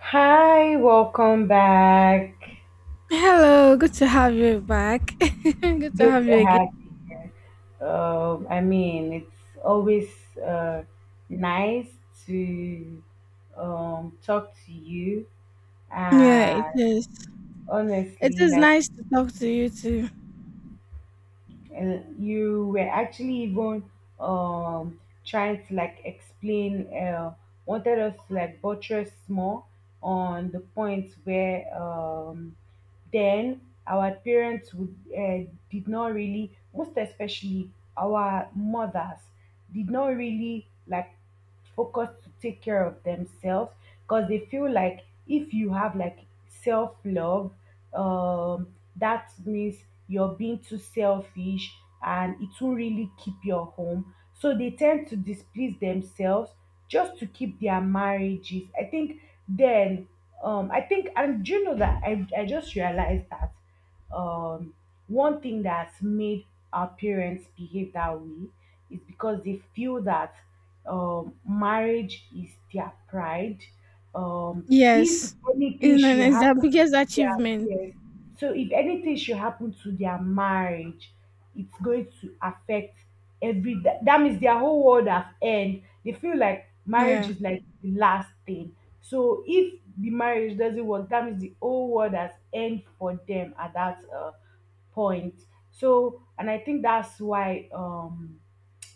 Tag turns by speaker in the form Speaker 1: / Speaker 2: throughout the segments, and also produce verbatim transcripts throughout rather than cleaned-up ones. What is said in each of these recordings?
Speaker 1: Hi, welcome back.
Speaker 2: Hello, good to have you back. Good to
Speaker 1: Good
Speaker 2: have
Speaker 1: to
Speaker 2: you again.
Speaker 1: have you here. Um, I mean, it's always uh, nice to um, talk to you.
Speaker 2: Yeah, it
Speaker 1: And
Speaker 2: is. It
Speaker 1: honestly,
Speaker 2: is
Speaker 1: like
Speaker 2: nice to talk to you too.
Speaker 1: and you were actually even um trying to like explain uh wanted us to like buttress more on the point where um then our parents would uh, did not really, most especially our mothers, did not really like focus to take care of themselves because they feel like if you have like self love, um, that means you're being too selfish and it will really keep your home. So they tend to displease themselves just to keep their marriages. I think then, um, I think, and do you know that I, I just realized that um, one thing that's made our parents behave that way is because they feel that um, marriage is their pride. Um, if
Speaker 2: Yes.
Speaker 1: anything
Speaker 2: Isn't it?
Speaker 1: should
Speaker 2: It's the
Speaker 1: happen
Speaker 2: biggest
Speaker 1: to their
Speaker 2: achievement.
Speaker 1: yes, so if anything should happen to their marriage, it's going to affect every that, that means their whole world has end. They feel like marriage
Speaker 2: Yeah.
Speaker 1: is like the last thing, so if the marriage doesn't work that means the whole world has end for them at that uh, point. So and I think that's why um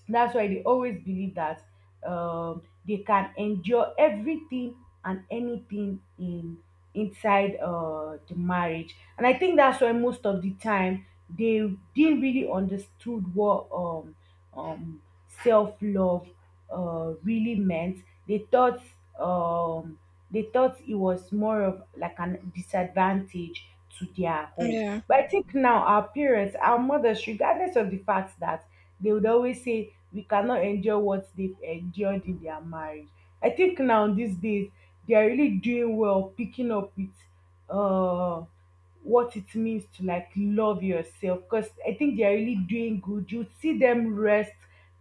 Speaker 1: that's why they always believe that um, they can endure everything and anything in inside uh, the marriage. And I think that's why most of the time they didn't really understood what um, um, self love uh, really meant. They thought um, they thought it was more of like a disadvantage to their home.
Speaker 2: Yeah.
Speaker 1: But I think now our parents, our mothers, regardless of the fact that they would always say we cannot endure what they've endured in their marriage. I think now these days they are really doing well picking up with uh what it means to like love yourself because I think they are really doing good. You see them rest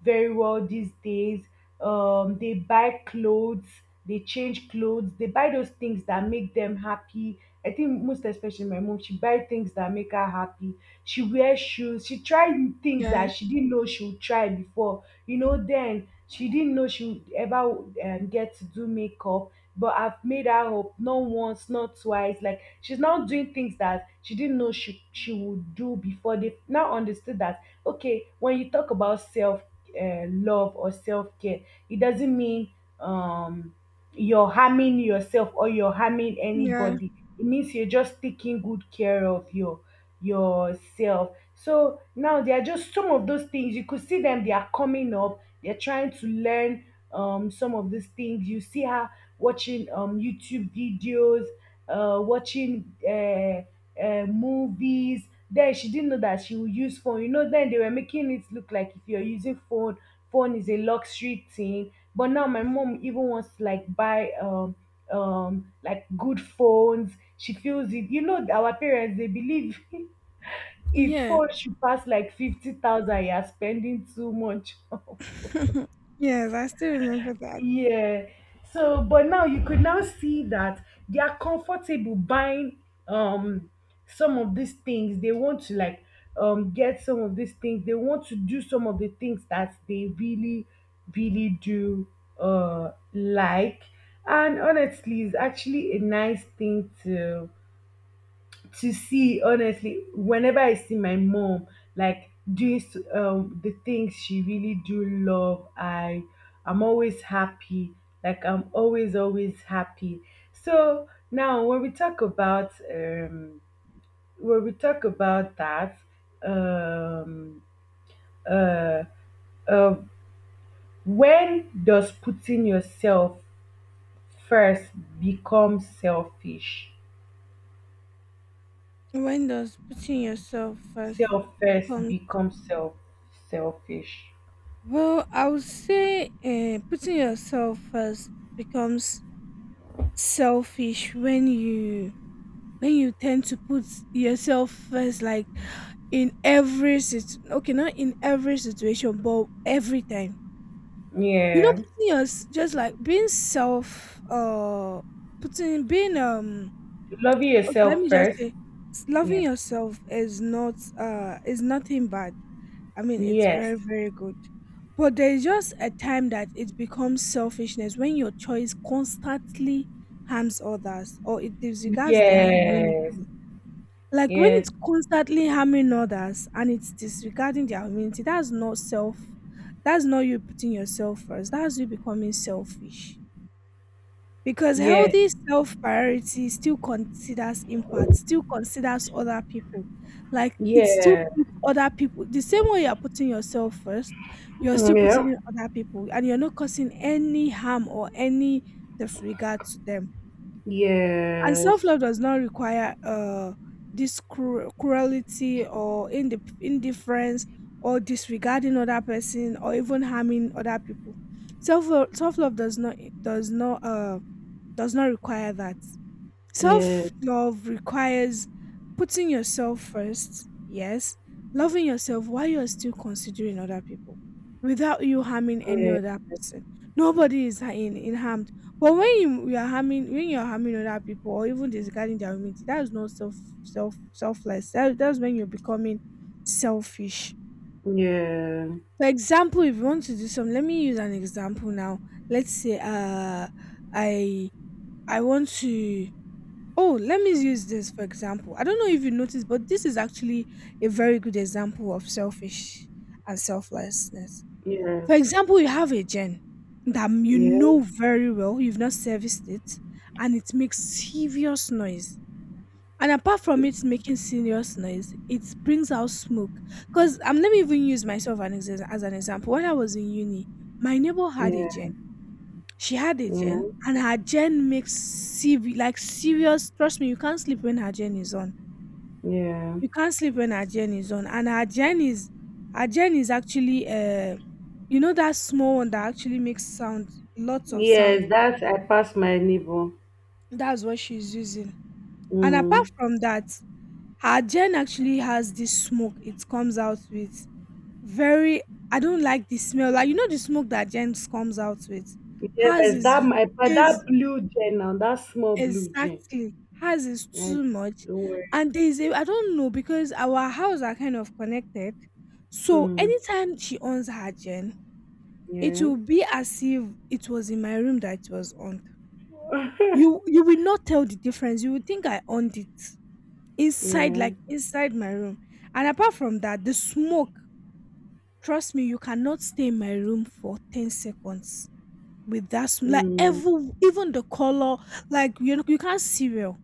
Speaker 1: very well these days. Um, they buy clothes, they change clothes, they buy those things that make them happy. I think most especially my mom, she buy things that make her happy, she wear shoes, she tried things that
Speaker 2: Yes.
Speaker 1: she didn't know she would try before, you know, then she didn't know she would ever um, get to do makeup, but I've made her up not once not twice, like she's now doing things that she didn't know she she would do before. They now understood that okay, when you talk about self uh, love or self-care it doesn't mean um you're harming yourself or you're harming
Speaker 2: Yeah.
Speaker 1: anybody, it means you're just taking good care of your yourself. So now there are just some of those things. You could see them, they are coming up, they're trying to learn um some of these things. You see her watching um YouTube videos, uh watching uh, uh movies. Then she didn't know that she would use phone. You know, then they were making it look like if you're using phone, phone is a luxury thing. But now my mom even wants to like buy um um like good phones. She feels it. You know, our parents they believe If
Speaker 2: Yeah.
Speaker 1: four should pass like fifty thousand, you are spending too much.
Speaker 2: Yes, I still remember that.
Speaker 1: Yeah. So, but now you could now see that they are comfortable buying um some of these things. They want to like um get some of these things. They want to do some of the things that they really, really do uh like. And honestly, it's actually a nice thing to to see. Honestly, whenever I see my mom like doing s- um the things she really do love, i i'm always happy, like I'm always always happy. So now when we talk about um when we talk about that um uh, uh when does putting yourself first become selfish
Speaker 2: When does putting yourself first
Speaker 1: self first
Speaker 2: become
Speaker 1: become self selfish,
Speaker 2: well, I would say uh, putting yourself first becomes selfish when you when you tend to put yourself first like in every sit okay, not in every situation, but every time. You know,
Speaker 1: yeah.
Speaker 2: putting yours just like being self uh putting being um
Speaker 1: Loving
Speaker 2: okay, let
Speaker 1: yourself
Speaker 2: me just
Speaker 1: first.
Speaker 2: say s- loving
Speaker 1: Yeah.
Speaker 2: yourself is not uh is nothing bad. I mean, it's
Speaker 1: Yes.
Speaker 2: very, very good. But there's just a time that it becomes selfishness when your choice constantly harms others or it disregards their
Speaker 1: Yes.
Speaker 2: humanity. Like when
Speaker 1: Yes.
Speaker 2: it's constantly harming others and it's disregarding their humanity, that's not self. That's not you putting yourself first. That's you becoming selfish. Because
Speaker 1: Yes.
Speaker 2: healthy self priority still considers impact, still considers other people. Like it's still
Speaker 1: Yeah.
Speaker 2: put other people the same way you're putting yourself first, you're still putting
Speaker 1: Yeah.
Speaker 2: in other people and you're not causing any harm or any disregard to them. And self
Speaker 1: Yes.
Speaker 2: love does not require uh, this cru- cruelty or indif- indifference or disregarding other person or even harming other people. Self self love does not does not uh does not require that.
Speaker 1: Yes.
Speaker 2: Self love requires putting yourself first, yes, loving yourself while you're still considering other people without you harming any
Speaker 1: Yeah.
Speaker 2: other person. Nobody is ha- in, in harmed. But when you, you are harming when you're harming other people or even disregarding their humanity, that is not self self selfless. That, that's when you're becoming selfish.
Speaker 1: Yeah.
Speaker 2: For example, if you want to do some, let me use an example now. Let's say uh I I want to oh, let me use this for example. I don't know if you noticed, but this is actually a very good example of selfish and selflessness. For
Speaker 1: Yes.
Speaker 2: example, you have a gen that you
Speaker 1: Yeah.
Speaker 2: know very well, you've not serviced it, and it makes serious noise. And apart from it making serious noise, it brings out smoke. Because um, let me even use myself an exa- as an example. When I was in uni, my neighbor had a
Speaker 1: Yeah.
Speaker 2: gen she had a
Speaker 1: Yeah.
Speaker 2: gen, and her gen makes sev- like serious. Trust me, you can't sleep when her gen is on.
Speaker 1: Yeah.
Speaker 2: You can't sleep when her gen is on, and her gen is her gen is actually uh, you know, that small one that actually makes sound, lots of sound.
Speaker 1: Yes, that's I passed my level.
Speaker 2: That's what she's using. And apart
Speaker 1: Mm.
Speaker 2: from that, her gen actually has this smoke. It comes out with very. I don't like the smell. Like you know the smoke that gens comes out with. Hers
Speaker 1: Yes, that
Speaker 2: is
Speaker 1: my but
Speaker 2: is
Speaker 1: that blue gem now, that small blue gem.
Speaker 2: exactly. Ours is
Speaker 1: Right?
Speaker 2: too much.
Speaker 1: Don't worry.
Speaker 2: And there is a, I don't know, because our house are kind of connected. So
Speaker 1: Mm.
Speaker 2: anytime she owns her gen, it
Speaker 1: Yeah.
Speaker 2: will be as if it was in my room that it was on. You you will not tell the difference. You will think I owned it inside,
Speaker 1: Yeah.
Speaker 2: like inside my room. And apart from that, the smoke, trust me, you cannot stay in my room for ten seconds with that smoke. Like
Speaker 1: Mm.
Speaker 2: every even the color, like you know, you can't see well.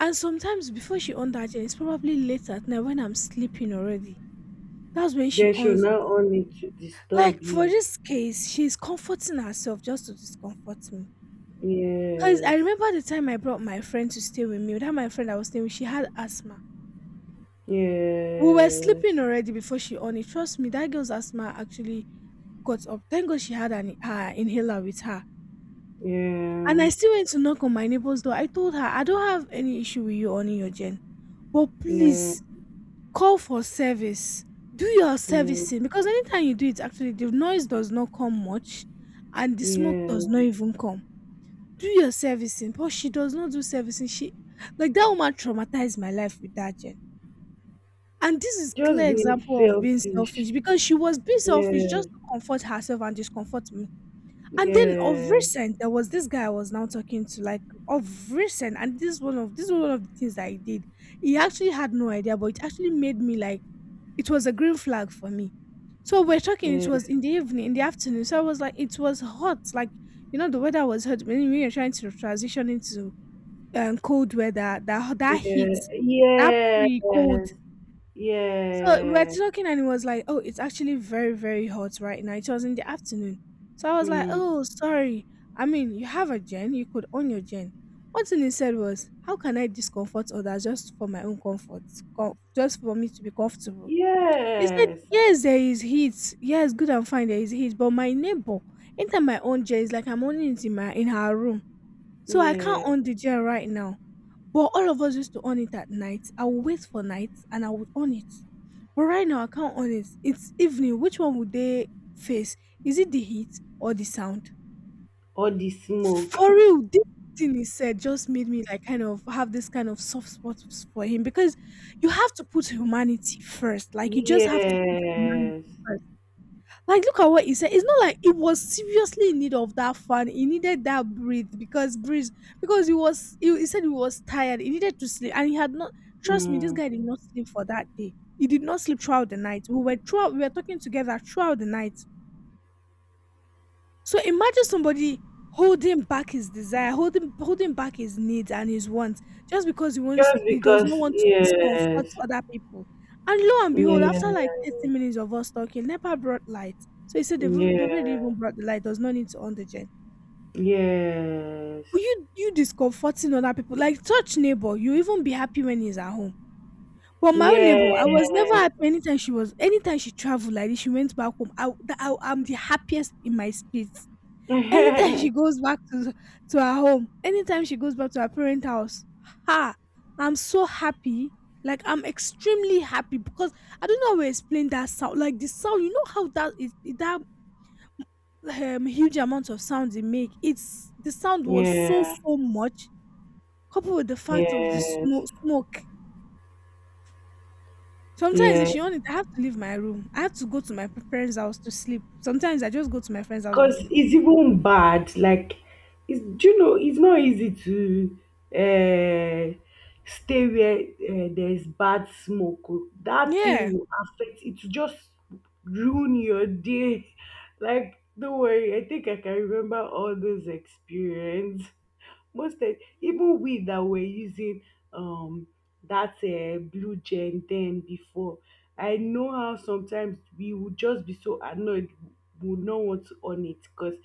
Speaker 2: And sometimes before she on that gen, it's probably late at night when I'm sleeping already. That's when she
Speaker 1: They should
Speaker 2: owns it.
Speaker 1: not own it to disturb
Speaker 2: Like for
Speaker 1: you.
Speaker 2: this case, she's comforting herself just to discomfort me. Cause I
Speaker 1: Yes.
Speaker 2: remember the time I brought my friend to stay with me. That my friend I was staying with, she had asthma. We were
Speaker 1: Yes.
Speaker 2: sleeping already before she on it. Trust me, that girl's asthma actually got up. Thank God she had an her inhaler with her. And I
Speaker 1: Yeah.
Speaker 2: still went to knock on my neighbor's door. I told her I don't have any issue with you on your gen, but
Speaker 1: Yeah.
Speaker 2: please call for service. Do your
Speaker 1: Yeah.
Speaker 2: servicing because anytime you do it, actually, the noise does not come much and the smoke
Speaker 1: Yeah.
Speaker 2: does not even come. Do your servicing. But she does not do servicing. She, like, that woman traumatized my life with that Jen, and this is
Speaker 1: Just
Speaker 2: clear
Speaker 1: being
Speaker 2: example of being
Speaker 1: selfish.
Speaker 2: selfish because she was being selfish
Speaker 1: Yeah.
Speaker 2: just to comfort herself and discomfort me. And then of
Speaker 1: Yeah.
Speaker 2: recent, there was this guy I was now talking to, like of recent, and this one of this was one of the things that he did. He actually had no idea, but it actually made me like it was a green flag for me. So we're talking, it
Speaker 1: Yeah.
Speaker 2: was in the evening, in the afternoon. So I was like, it was hot, like you know, the weather was hot. When we were trying to transition into um, cold weather, that that heat, that
Speaker 1: Yeah.
Speaker 2: pre cold
Speaker 1: Yes.
Speaker 2: so we we're
Speaker 1: Yeah.
Speaker 2: talking and it was like, oh, it's actually very, very hot right now. It was in the afternoon. So I was like,
Speaker 1: Mm.
Speaker 2: oh, sorry. I mean, you have a gen, you could own your gen. One thing he said was, how can I discomfort others just for my own comfort, com- just for me to be comfortable? He said,
Speaker 1: Yes.
Speaker 2: yes, there is heat. Yes, good and fine, there is heat. But my neighbor, enter my own gen, it's like I'm owning it in, my, in her room. So I can't
Speaker 1: Yeah.
Speaker 2: own the gen right now. But all of us used to on it at night. I would wait for night and I would on it. But right now I can't on it. It's evening. Which one would they face? Is it the heat or the sound?
Speaker 1: All the smoke.
Speaker 2: For real, this thing he said just made me like kind of have this kind of soft spot for him because you have to put humanity first. Like you just have to put humanity
Speaker 1: Yes.
Speaker 2: first. Like, look at what he said. It's not like he was seriously in need of that fun. He needed that breathe because breeze because he was he, he said he was tired. He needed to sleep and he had not. Trust me, this
Speaker 1: Mm.
Speaker 2: guy did not sleep for that day. He did not sleep throughout the night. We were throughout. We were talking together throughout the night. So imagine somebody holding back his desire, holding holding back his needs and his wants just because he wants
Speaker 1: Just
Speaker 2: he does not
Speaker 1: because
Speaker 2: want to discomfort
Speaker 1: yes.
Speaker 2: other people. And lo and behold, after
Speaker 1: Yeah.
Speaker 2: like thirty minutes of us talking, NEPA brought light. So he said they've, al- they've already
Speaker 1: Yeah.
Speaker 2: even brought the light, does not need to on the gen.
Speaker 1: Yes.
Speaker 2: But you you discomforting other people. Like such neighbor, you even be happy when he's at home. But my own neighbor, I was never
Speaker 1: Yes.
Speaker 2: happy anytime she was anytime she traveled like this, she went back home. I, I I'm the happiest in my spirit. Anytime she goes back to to her home, anytime she goes back to her parent house, ha! I'm so happy. Like I'm extremely happy because I don't know how to explain that sound. Like the sound, you know how that is it- that um, huge amount of sound they make. It's the sound was so
Speaker 1: Yeah.
Speaker 2: so much coupled with the fact of the
Speaker 1: Yes.
Speaker 2: smoke smoke. Sometimes if
Speaker 1: Yes.
Speaker 2: she on it, I have to leave my room. I have to go to my parents' house to sleep. Sometimes I just go to my friend's house and
Speaker 1: Because
Speaker 2: sleep.
Speaker 1: it's even bad. Like, it's, do you know, it's not easy to uh, stay where uh, there's bad smoke. Oh, that thing
Speaker 2: Yeah.
Speaker 1: will affect, it will just ruin your day. Like, don't worry, I think I can remember all those experience. Most of, even we that were using um that uh, blue gen then before, I know how sometimes we would just be so annoyed, would not want to own it because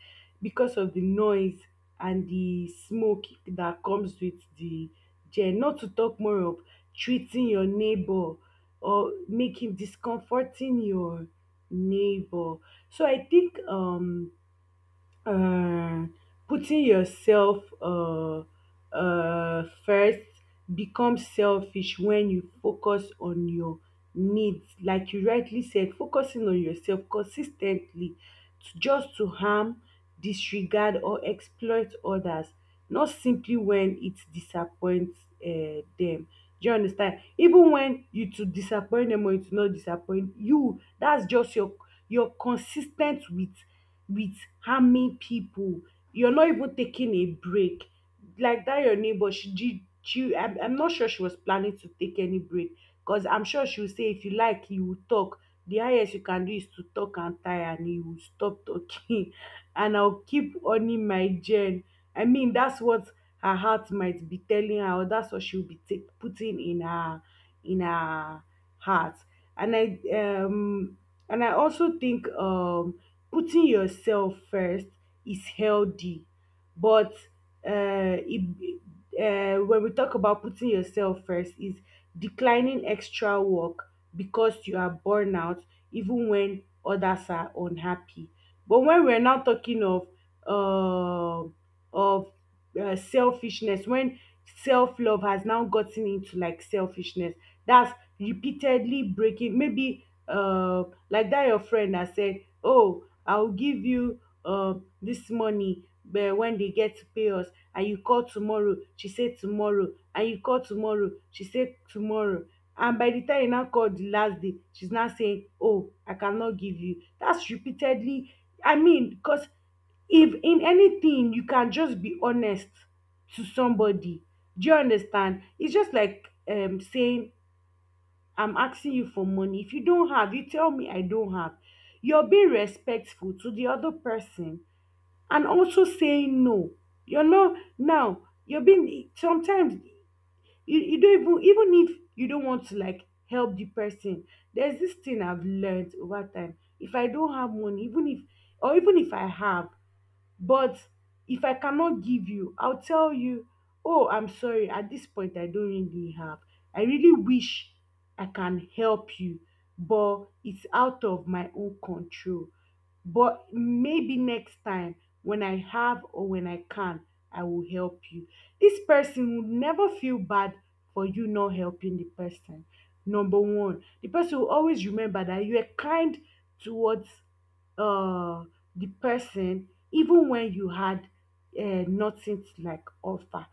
Speaker 1: because of the noise and the smoke that comes with the gen. Not to talk more of treating your neighbor or making discomforting your neighbor. So I think um um putting yourself um um first becomes selfish when you focus on your needs, like you rightly said, focusing on yourself consis ten tly just to harm, disregard or exploit others, not simply when it disappoint um dem. Do you understand? Even when you to disappoint dem or you to not disappoint you, that's just your your consis ten t with with harming people. You're not even taking a break. Like that, your neighbor, she, she, she I'm, I'm not sure she was planning to take any break because I'm sure she will say, if you like, you will talk. The highest you can do is to talk and tire, and you will stop talking. And I'll keep owning my gen. I mean, that's what her heart might be telling her, or that's what she'll be take, putting in her in her heart. And I um and I also think um putting yourself first is healthy but uh, it, uh, when we talk about putting yourself first is declining extra work because you are burned out even when others are unhappy. But when we're now talking of uh, of uh, selfishness, when self-love has now gotten into like selfishness, that's repeatedly breaking, maybe uh, like that your friend has said, oh, I go give you um dis money um wen dey get to pay us, and you call tomorrow she say tomorrow, and you call tomorrow she say tomorrow, and by de time you now call de last day she's now saying oh I cannot give you, dats repeatedly. I mean cause if in anything you can just be honest to somebody. Do you understand? It's just like um saying I'm asking you for money. If you don't have, you tell me I don't have. You're being respectful to the other person and also saying no. You're not now. You're being sometimes you, you don't even, even if you don't want to like help the person. There's this thing I've learned over time. If I don't have money, even if or even if I have, but if I cannot give you, I'll tell you, oh, I'm sorry, at this point, I don't really have. I really wish I can help you, but it's out of my own control. But maybe next time, when I have or when I can, I will help you. This person will never feel bad for you not helping the person. Number one, the person will always remember that you are kind towards uh the person even when you had uh, nothing to like offer.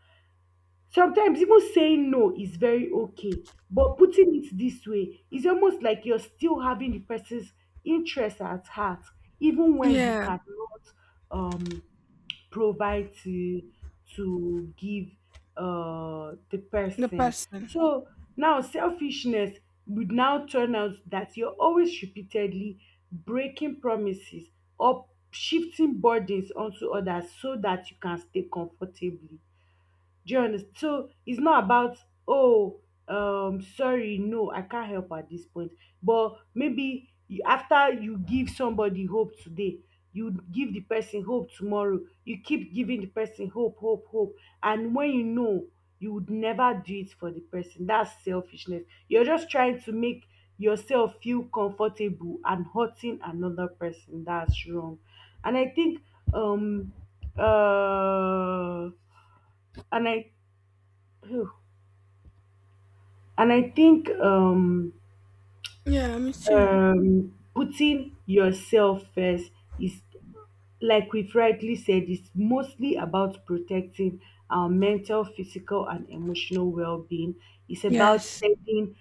Speaker 1: Sometimes even saying no is very okay, but putting it this way is almost like you're still having the person's interest at heart, even when you
Speaker 2: Yeah,
Speaker 1: cannot um provide to to give uh, the
Speaker 2: the
Speaker 1: person.
Speaker 2: person.
Speaker 1: So now selfishness would now turn out that you're always repeatedly breaking promises or shifting burdens onto others so that you can stay comfortably. Do you understand? So it's not about oh um sorry no I can't help at this point, but maybe you, after you give somebody hope today, you give the person hope tomorrow. You keep giving the person hope, hope, hope, and when you know you would never do it for the person, that's selfishness. You're just trying to make yourself feel comfortable and hurting another person. That's wrong, and I think um uh and I and I think um,
Speaker 2: Yeah, me too.
Speaker 1: um, putting yourself first is, like we've rightly said, it's mostly about protecting our mental, physical, and emotional well-being. It's about
Speaker 2: Yes.
Speaker 1: setting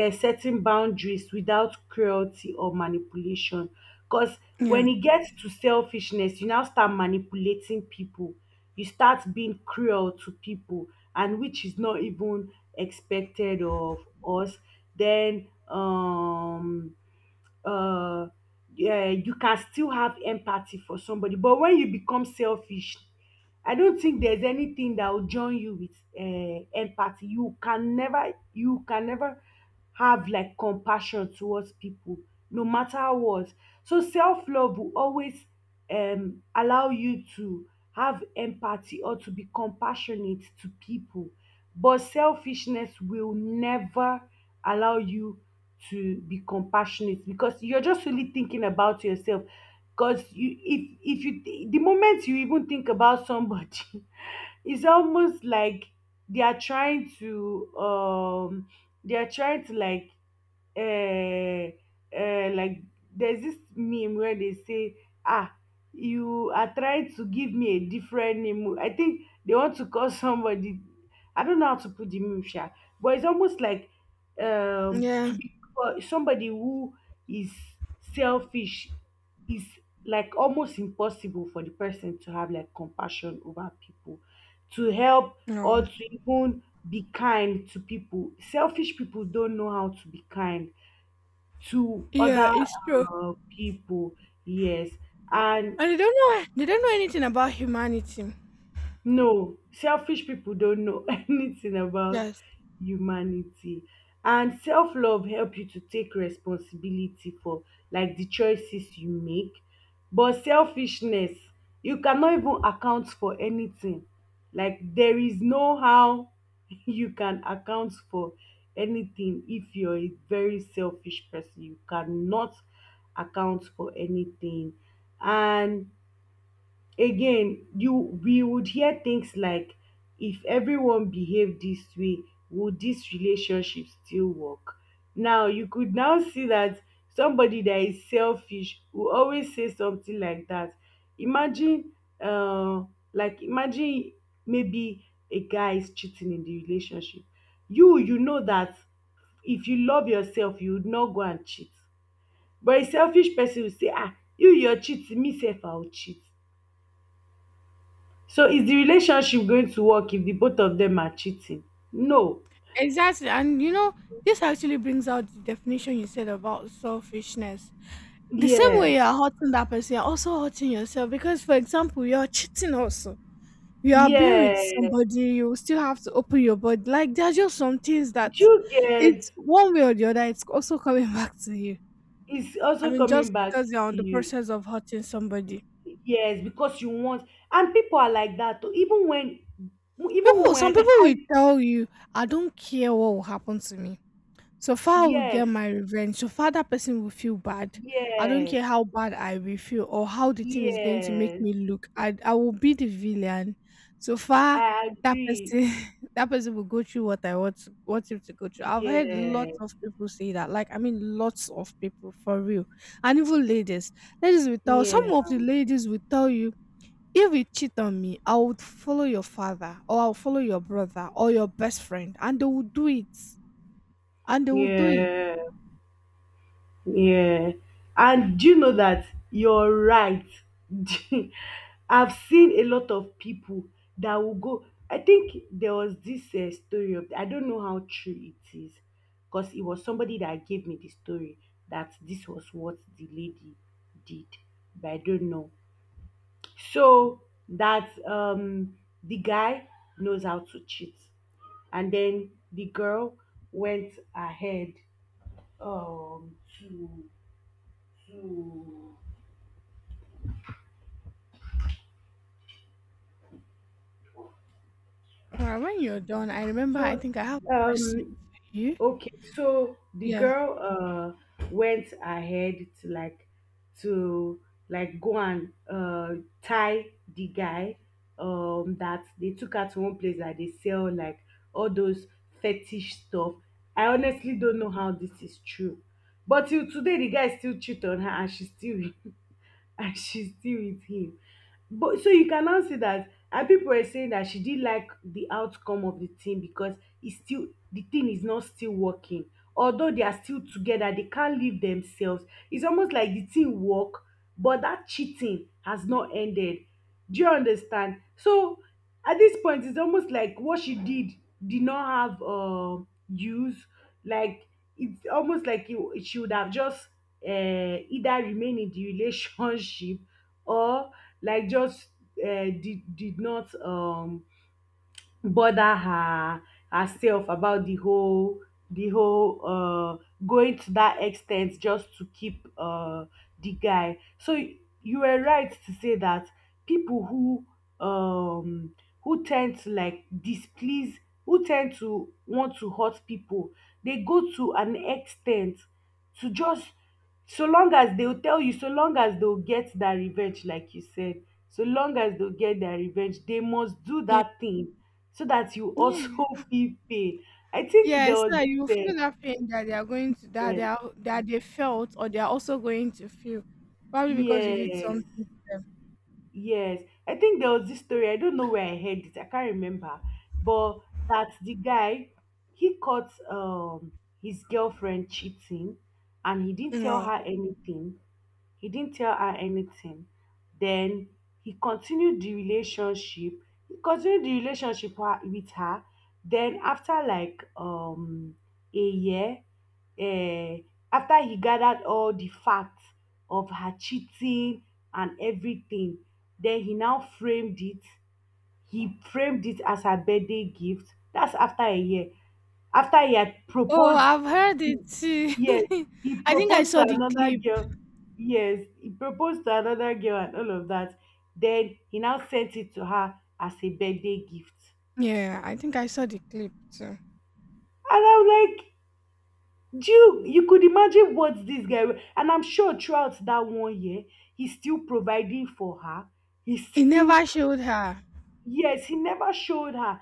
Speaker 1: uh, setting boundaries without cruelty or manipulation. Because
Speaker 2: Yeah.
Speaker 1: when it gets to selfishness, you now start manipulating people. You start being cruel to people, and which is not even expected of us. Then, um, uh, yeah, you can still have empathy for somebody. But when you become selfish, I don't think there's anything that will join you with uh, empathy. You can never, you can never have like compassion towards people, no matter what. So self love will always um allow you to have empathy or to be compassionate to people. But selfishness will never allow you to be compassionate because you're just really thinking about yourself. Because you, if if you, the moment you even think about somebody, it's almost like they are trying to, um, they are trying to like uh, uh, like there's this meme where they say ah you are trying to give me a different name. I think they want to call somebody. I don't know how to put the meme sha, but it's almost like um to
Speaker 2: Yeah.
Speaker 1: be uh, somebody who is selfish is like almost impossible for the person to have like compassion over people, to help
Speaker 2: No.
Speaker 1: or to even be kind to people. Selfish people don't know how to be kind to
Speaker 2: Yeah,
Speaker 1: other
Speaker 2: it's true.
Speaker 1: uh, people. Yes, and
Speaker 2: And they don't know they don't know anything about humanity.
Speaker 1: no, selfish people don't know anything about
Speaker 2: Yes.
Speaker 1: humanity. And self-love help you to take responsibility for like the choices you make. But selfishness, you cannot even account for anything. Like there is no how you can account for anything if you're a very selfish person. You cannot account for anything. And again, you we would hear things like, if everyone behaved this way, would this relationship still work? Now you could now see that somebody that is selfish will always say something like that. Imagine uh like imagine maybe a guy is cheating in the relationship. You you know that if you love yourself, you would not go and cheat. But a selfish person will say, ah, you you're cheating, me sef I will cheat. So is the relationship going to work if the both of them are cheating? No.
Speaker 2: Exactly. And you know, this actually brings out the definition you said about selfishness. The same way you
Speaker 1: Yes.
Speaker 2: are hurting that person, you're also hurting yourself because for example, you're cheating also. You are being with
Speaker 1: Yeah.
Speaker 2: somebody, you still have to open your body. Like there are just some things that
Speaker 1: Do you get
Speaker 2: it's one way or the other, it's also coming back to you.
Speaker 1: it's
Speaker 2: I
Speaker 1: also
Speaker 2: mean,
Speaker 1: coming
Speaker 2: just
Speaker 1: back
Speaker 2: because you're
Speaker 1: to
Speaker 2: on the
Speaker 1: you.
Speaker 2: process of hurting somebody.
Speaker 1: Yes, because you want, and people are like that too. Even when even
Speaker 2: People, some
Speaker 1: when
Speaker 2: people
Speaker 1: I
Speaker 2: will tell you, I don't care what will happen to me. So far, I will
Speaker 1: yes,
Speaker 2: get my revenge. So far, that person will feel bad. I don't
Speaker 1: yes,
Speaker 2: care how bad I will feel or how the thing is going to make
Speaker 1: yes.
Speaker 2: me look. I, I will be the villain. So far,
Speaker 1: I
Speaker 2: that
Speaker 1: agree.
Speaker 2: person, that person will go through what I want, to- want him to go through. I've heard
Speaker 1: Yeah.
Speaker 2: lots of people say that. Like, I mean, lots of people for real, and even ladies. Ladies will tell.
Speaker 1: Yeah.
Speaker 2: Some of the ladies will tell you if you cheat on me, I would follow your father or I'll follow your brother or your best friend and they will do it. And they will do it.
Speaker 1: Yeah. Yeah. And do you know that you're right? I've seen a lot of people that will go. I think there was this uh, story of, I don't know how true it is, because it was somebody that gave me the story that this was what the lady did, but I don't know. So that um, the guy knows how to cheat. And then the girl went ahead um, to hmm.
Speaker 2: Well, when you're done, I remember I
Speaker 1: So,
Speaker 2: think I have a question
Speaker 1: um,
Speaker 2: for you.
Speaker 1: okay, so the
Speaker 2: Yeah.
Speaker 1: girl uh went ahead to like to like go and uh tie the guy, um that they took her to one place that they sell like all those fetish stuff. I honestly don't know how this is true. But till today the guy still cheat on her and she still and she's still with him. But so you can now see that, and people were saying that she didn't like the outcome of the thing because it's still the thing is not still working. Although they are still together, they can't leave themselves. It's almost like the thing work, but that cheating has not ended. Do you understand? So at this point, it's almost like what she did did not have um use. Like it's almost like you she would have just uh, either remain in the relationship or like just uh, did, did not um bother her herself about the whole the whole uh going to that extent just to keep uh the guy. So y- you were right to say that people who um who tend to like displease, who tend to want to hurt people, they go to an extent to just, so long as they'll tell you, so long as they'll get that revenge, like you said, so long as they'll get their revenge, they must do
Speaker 2: Yeah.
Speaker 1: that thing so that you
Speaker 2: Yeah.
Speaker 1: also feel pain. I think
Speaker 2: Yeah,
Speaker 1: there
Speaker 2: so
Speaker 1: was
Speaker 2: that you
Speaker 1: this,
Speaker 2: feel that pain that they are going to that they
Speaker 1: uh,
Speaker 2: are that they felt or they are also going to feel. Probably because you
Speaker 1: yes,
Speaker 2: did
Speaker 1: yes,
Speaker 2: something.
Speaker 1: yes. I think there was this story. I don't know where I heard it. I can't remember, but that the guy, he caught um his girlfriend cheating, and he didn't tell
Speaker 2: Wow.
Speaker 1: her anything. He didn't tell her anything. Then he continued the relationship. He continued the relationship wa- with her. Then after like um a year, uh, after he gathered all the facts of her cheating and everything, then he now framed it. He framed it as her birthday gift. That's after a year. After he had
Speaker 2: Oh,
Speaker 1: proposed,
Speaker 2: I've heard it too.
Speaker 1: yes, he
Speaker 2: I think I
Speaker 1: proposed to
Speaker 2: saw the
Speaker 1: another
Speaker 2: clip.
Speaker 1: girl. Yes, he proposed to another girl and all of that. Then he now sent it to her as a birthday gift.
Speaker 2: Yeah, I think I saw the clip too.
Speaker 1: And I'm like, do you you could imagine what this guy wa- and I'm sure throughout that one year, he's still providing for her. He
Speaker 2: He
Speaker 1: still
Speaker 2: never showed her.
Speaker 1: yes, he never showed her.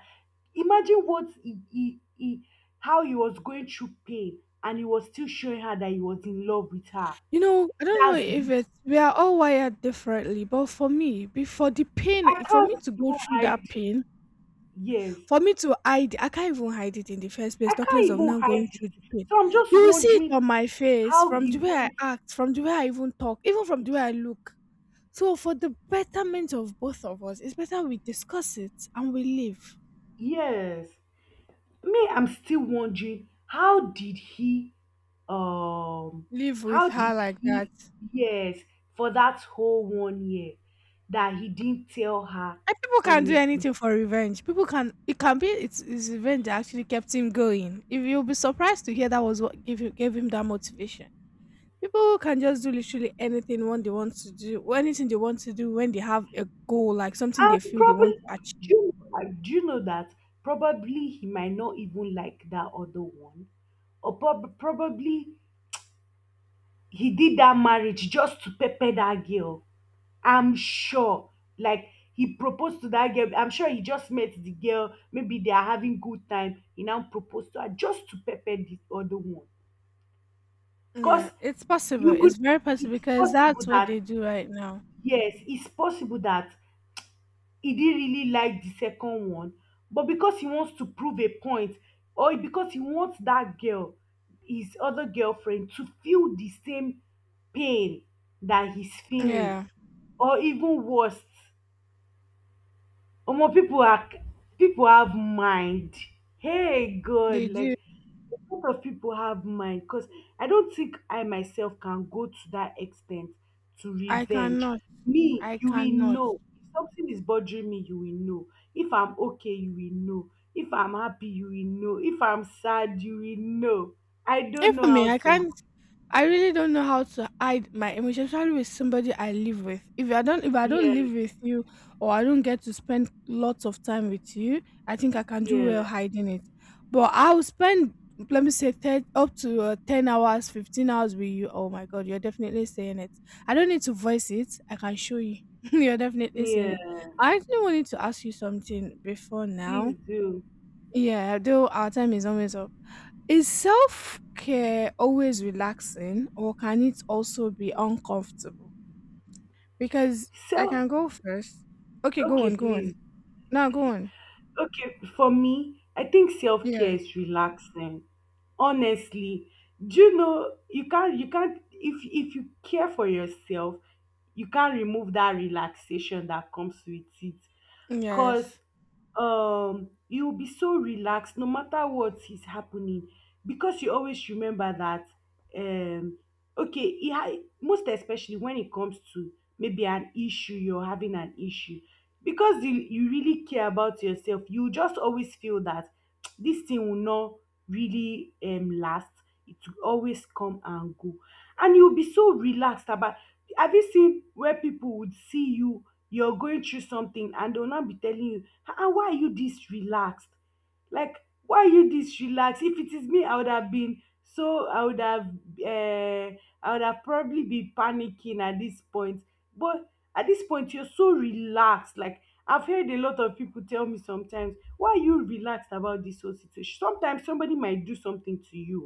Speaker 1: Imagine what he, he, he how he was going through pain and he was still showing her that he was in love with her.
Speaker 2: You know, I don't know
Speaker 1: That's
Speaker 2: if
Speaker 1: this.
Speaker 2: it's we are all wired differently, but for me, before the pain,
Speaker 1: I
Speaker 2: for me
Speaker 1: can't
Speaker 2: to go
Speaker 1: even
Speaker 2: through
Speaker 1: hide.
Speaker 2: that pain,
Speaker 1: Yes,
Speaker 2: for me to hide, I can't even hide it in the first
Speaker 1: I
Speaker 2: place. Talk less
Speaker 1: can't
Speaker 2: of
Speaker 1: even
Speaker 2: now
Speaker 1: hide
Speaker 2: going
Speaker 1: it.
Speaker 2: through the pain.
Speaker 1: So I'm just
Speaker 2: You will see it
Speaker 1: wondering
Speaker 2: on my face,
Speaker 1: how
Speaker 2: from
Speaker 1: he
Speaker 2: the way I
Speaker 1: went.
Speaker 2: act, from the way I even talk, even from the way I look. So, for the betterment of both of us, it's better we discuss it and we live,
Speaker 1: Yes, me, I'm still wondering how did he, um,
Speaker 2: live with
Speaker 1: how
Speaker 2: her
Speaker 1: did
Speaker 2: like that.
Speaker 1: he, yes, for that whole one year that he didn't tell her
Speaker 2: And people can do
Speaker 1: anything.
Speaker 2: anything for revenge. People can it can be it's, it's revenge that actually kept him going. If you'll be surprised to hear that was what gave you gave him that motivation. People can just do literally anything when they want to do or anything they want to do when they have a goal, like something they
Speaker 1: And
Speaker 2: feel they want
Speaker 1: probably,
Speaker 2: to
Speaker 1: do
Speaker 2: achieve.
Speaker 1: you, know- like, do you know that probably he might not even like that other one, or prob- probably he did that marriage just to pepper that girl. I'm sure. Like he proposed to that girl. I'm sure he just met the girl. Maybe they are having good time. He now proposed to her just to pepper the other one.
Speaker 2: Yeah,
Speaker 1: Cause
Speaker 2: it's possible.
Speaker 1: you could
Speaker 2: It's very possible
Speaker 1: it's
Speaker 2: because
Speaker 1: possible
Speaker 2: that's what
Speaker 1: that
Speaker 2: they do right now.
Speaker 1: yes, it's possible that he didn't really like the second one, but because he wants to prove a point, or because he wants that girl, his other girlfriend, to feel the same pain that he's feeling,
Speaker 2: Yeah,
Speaker 1: or even worse. Omo, people are people have mind. Hey God,
Speaker 2: they do.
Speaker 1: like a lot of people have mind because I don't think I myself can go to that extent to
Speaker 2: I
Speaker 1: revenge.
Speaker 2: cannot.
Speaker 1: Me,
Speaker 2: I
Speaker 1: you will
Speaker 2: cannot.
Speaker 1: know. If something is bothering me, you will know. If I'm okay, you will know. If I'm happy, you will know. If I'm sad, you will know. I
Speaker 2: Even
Speaker 1: don't know
Speaker 2: for me,
Speaker 1: how
Speaker 2: I
Speaker 1: to
Speaker 2: can't. I really don't know how to hide my emotions, especially with somebody I live with. If I don't, if I
Speaker 1: yeah,
Speaker 2: don't live with you, or I don't get to spend lots of time with you, I think I can do well
Speaker 1: yeah,
Speaker 2: hiding it. But I'll spend, let me say, ten, up to uh, ten hours, fifteen hours with you. Oh my God, you're definitely saying it. I don't need to voice it. I can show you. You're definitely saying
Speaker 1: yeah.
Speaker 2: it. I actually wanted to ask you something before
Speaker 1: Please
Speaker 2: now.
Speaker 1: do.
Speaker 2: Yeah, though our time is always up. Is self care always relaxing or can it also be uncomfortable? Because I
Speaker 1: So
Speaker 2: can go first. Okay, go
Speaker 1: okay,
Speaker 2: on, go
Speaker 1: please
Speaker 2: on. No, go on.
Speaker 1: okay, for me, I think self care
Speaker 2: Yes.
Speaker 1: is relaxing. Honestly, do you know you can't you can't if if you care for yourself, you can't remove that relaxation that comes with it. Cause
Speaker 2: Yes.
Speaker 1: um you'll be so relaxed no matter what is happening because you always remember that um okay, it ha- most especially when it comes to maybe an issue, you're having an issue, because you you really care about yourself, you will just always feel that this thing will not really um last, it will always come and go, and you'll be so relaxed about. Have you seen where people would see you, you're going through something, and they'll not be telling you ah why are you this relaxed, like why are you this relaxed, if it is me I would have been so I would have uh, I would have probably been panicking at this point. But at this point, you're so relaxed. Like I've heard a lot of people tell me sometimes, why are you relaxed about this whole situation? Sometimes somebody might do something to you,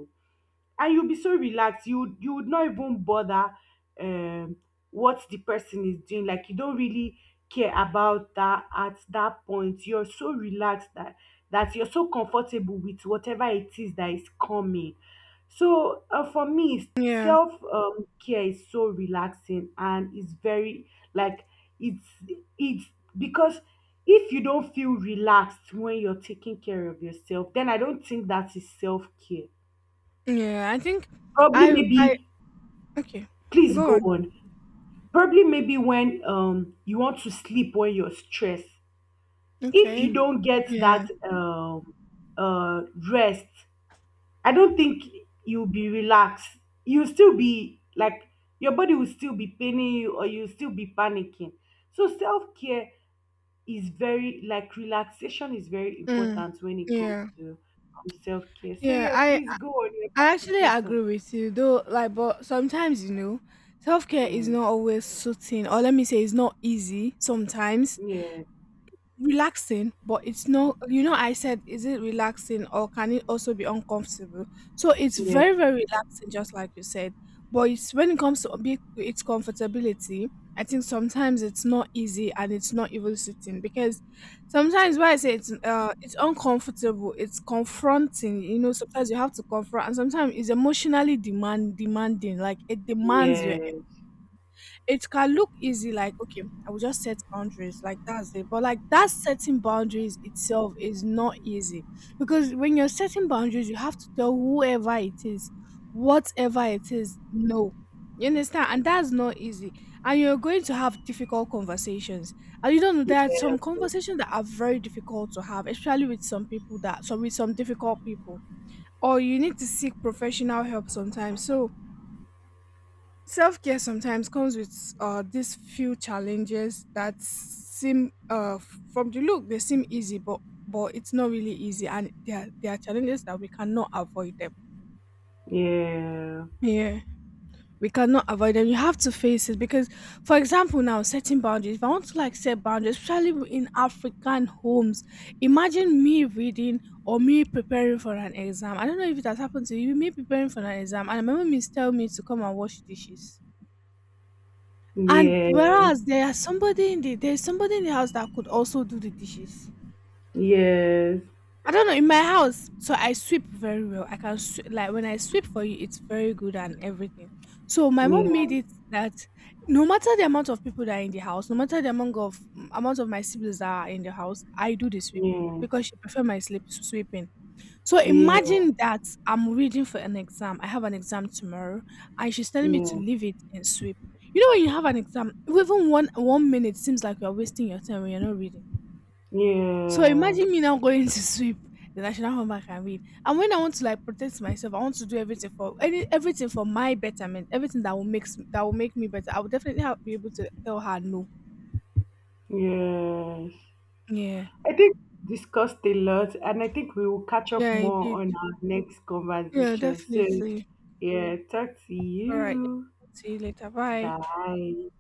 Speaker 1: and you'll be so relaxed you you would not even bother um what the person is doing, like you don't really care about that. At that point you're so relaxed that that you're so comfortable with whatever it is that is coming. So uh, for me
Speaker 2: Yeah.
Speaker 1: self um, care is so relaxing, and it's very like it's it's because if you don't feel relaxed when you're taking care of yourself, then I don't think that is self care.
Speaker 2: Yeah. I think
Speaker 1: Probably
Speaker 2: I I
Speaker 1: maybe
Speaker 2: okay.
Speaker 1: please
Speaker 2: Go
Speaker 1: go
Speaker 2: on.
Speaker 1: on. Probably maybe when um you want to sleep when you're stressed. If you
Speaker 2: Okay.
Speaker 1: don't get
Speaker 2: Yeah.
Speaker 1: that um uh rest, I don't think you'll be relaxed. You'll still be like your body will still be paining you or you'll still be panicking. So self-care is very like relaxation is very
Speaker 2: Mm.
Speaker 1: important when it comes
Speaker 2: Yeah.
Speaker 1: to um, self-care. So
Speaker 2: Yeah.
Speaker 1: yeah,
Speaker 2: I
Speaker 1: please go on. You're
Speaker 2: I
Speaker 1: about to
Speaker 2: actually
Speaker 1: say something.
Speaker 2: agree with you though, like but sometimes you know, self care is
Speaker 1: Mm.
Speaker 2: not always suiting or let me say it's not easy sometimes
Speaker 1: Yeah,
Speaker 2: relaxing, but it's not you know, I said, is it relaxing or can it also be uncomfortable? So it's
Speaker 1: yeah,
Speaker 2: very, very relaxing, just like you said. But it's when it comes to be- its comfortability, I think sometimes it's not easy and it's not even sitting because sometimes why I say it's uh it's uncomfortable, it's confronting, you know, sometimes you have to confront and sometimes it's emotionally demand demanding, like it demands
Speaker 1: yeah,
Speaker 2: your it can look easy, like, okay, I will just set boundaries, like that's it. But like that setting boundaries itself is not easy because when you're setting boundaries, you have to tell whoever it is, whatever it is, no. You understand? And that's not easy. And you're going to have difficult conversations. And you don't know, there are
Speaker 1: yeah.
Speaker 2: some conversations that are very difficult to have, especially with some people that, so with some difficult people. Or you need to seek professional help sometimes. So, self care sometimes comes with uh, these few challenges that seem uh, f- from the look they seem easy, but but it's not really easy, and there are- there are challenges that we cannot avoid them.
Speaker 1: Yeah.
Speaker 2: Yeah, we cannot avoid them. You have to face it because, for example, now setting boundaries. If I want to like set boundaries, especially in African homes, imagine me reading or me preparing for an exam. I don't know if it has happened to you. Me preparing for an exam, and my mom is telling me to come and wash dishes. And
Speaker 1: Yeah.
Speaker 2: whereas there are somebody in the there's somebody in the house that could also do the dishes.
Speaker 1: Yes.
Speaker 2: I don't know in my house, so I sweep very well. I can sw- like when I sweep for you, it's very good and everything. So my mom
Speaker 1: Yeah.
Speaker 2: made it that no matter the amount of people that are in the house, no matter the amount of amount of my siblings that are in the house, I do the sweeping
Speaker 1: Yeah.
Speaker 2: because she prefer my sleep sweeping. So
Speaker 1: Yeah.
Speaker 2: imagine that I'm reading for an exam. I have an exam tomorrow, and she's telling me to
Speaker 1: Yeah.
Speaker 2: leave it and sweep. You know, when you have an exam, even one one minute seems like you're wasting your time when you're not reading. So
Speaker 1: Yeah.
Speaker 2: imagine me now going to sweep. Then I should not come back and read. And when I want to like protect myself, I want to do everything for any everything for my betterment, everything that will makes that will make me better. I will definitely have, be able to tell her no.
Speaker 1: Yes.
Speaker 2: Yeah.
Speaker 1: I think we discussed a lot, and I think we will catch up
Speaker 2: Yeah, I
Speaker 1: more
Speaker 2: did.
Speaker 1: on our next
Speaker 2: Yeah,
Speaker 1: conversation. So
Speaker 2: definitely.
Speaker 1: yeah, talk to
Speaker 2: All right.
Speaker 1: you.
Speaker 2: See you later. Bye.
Speaker 1: Bye.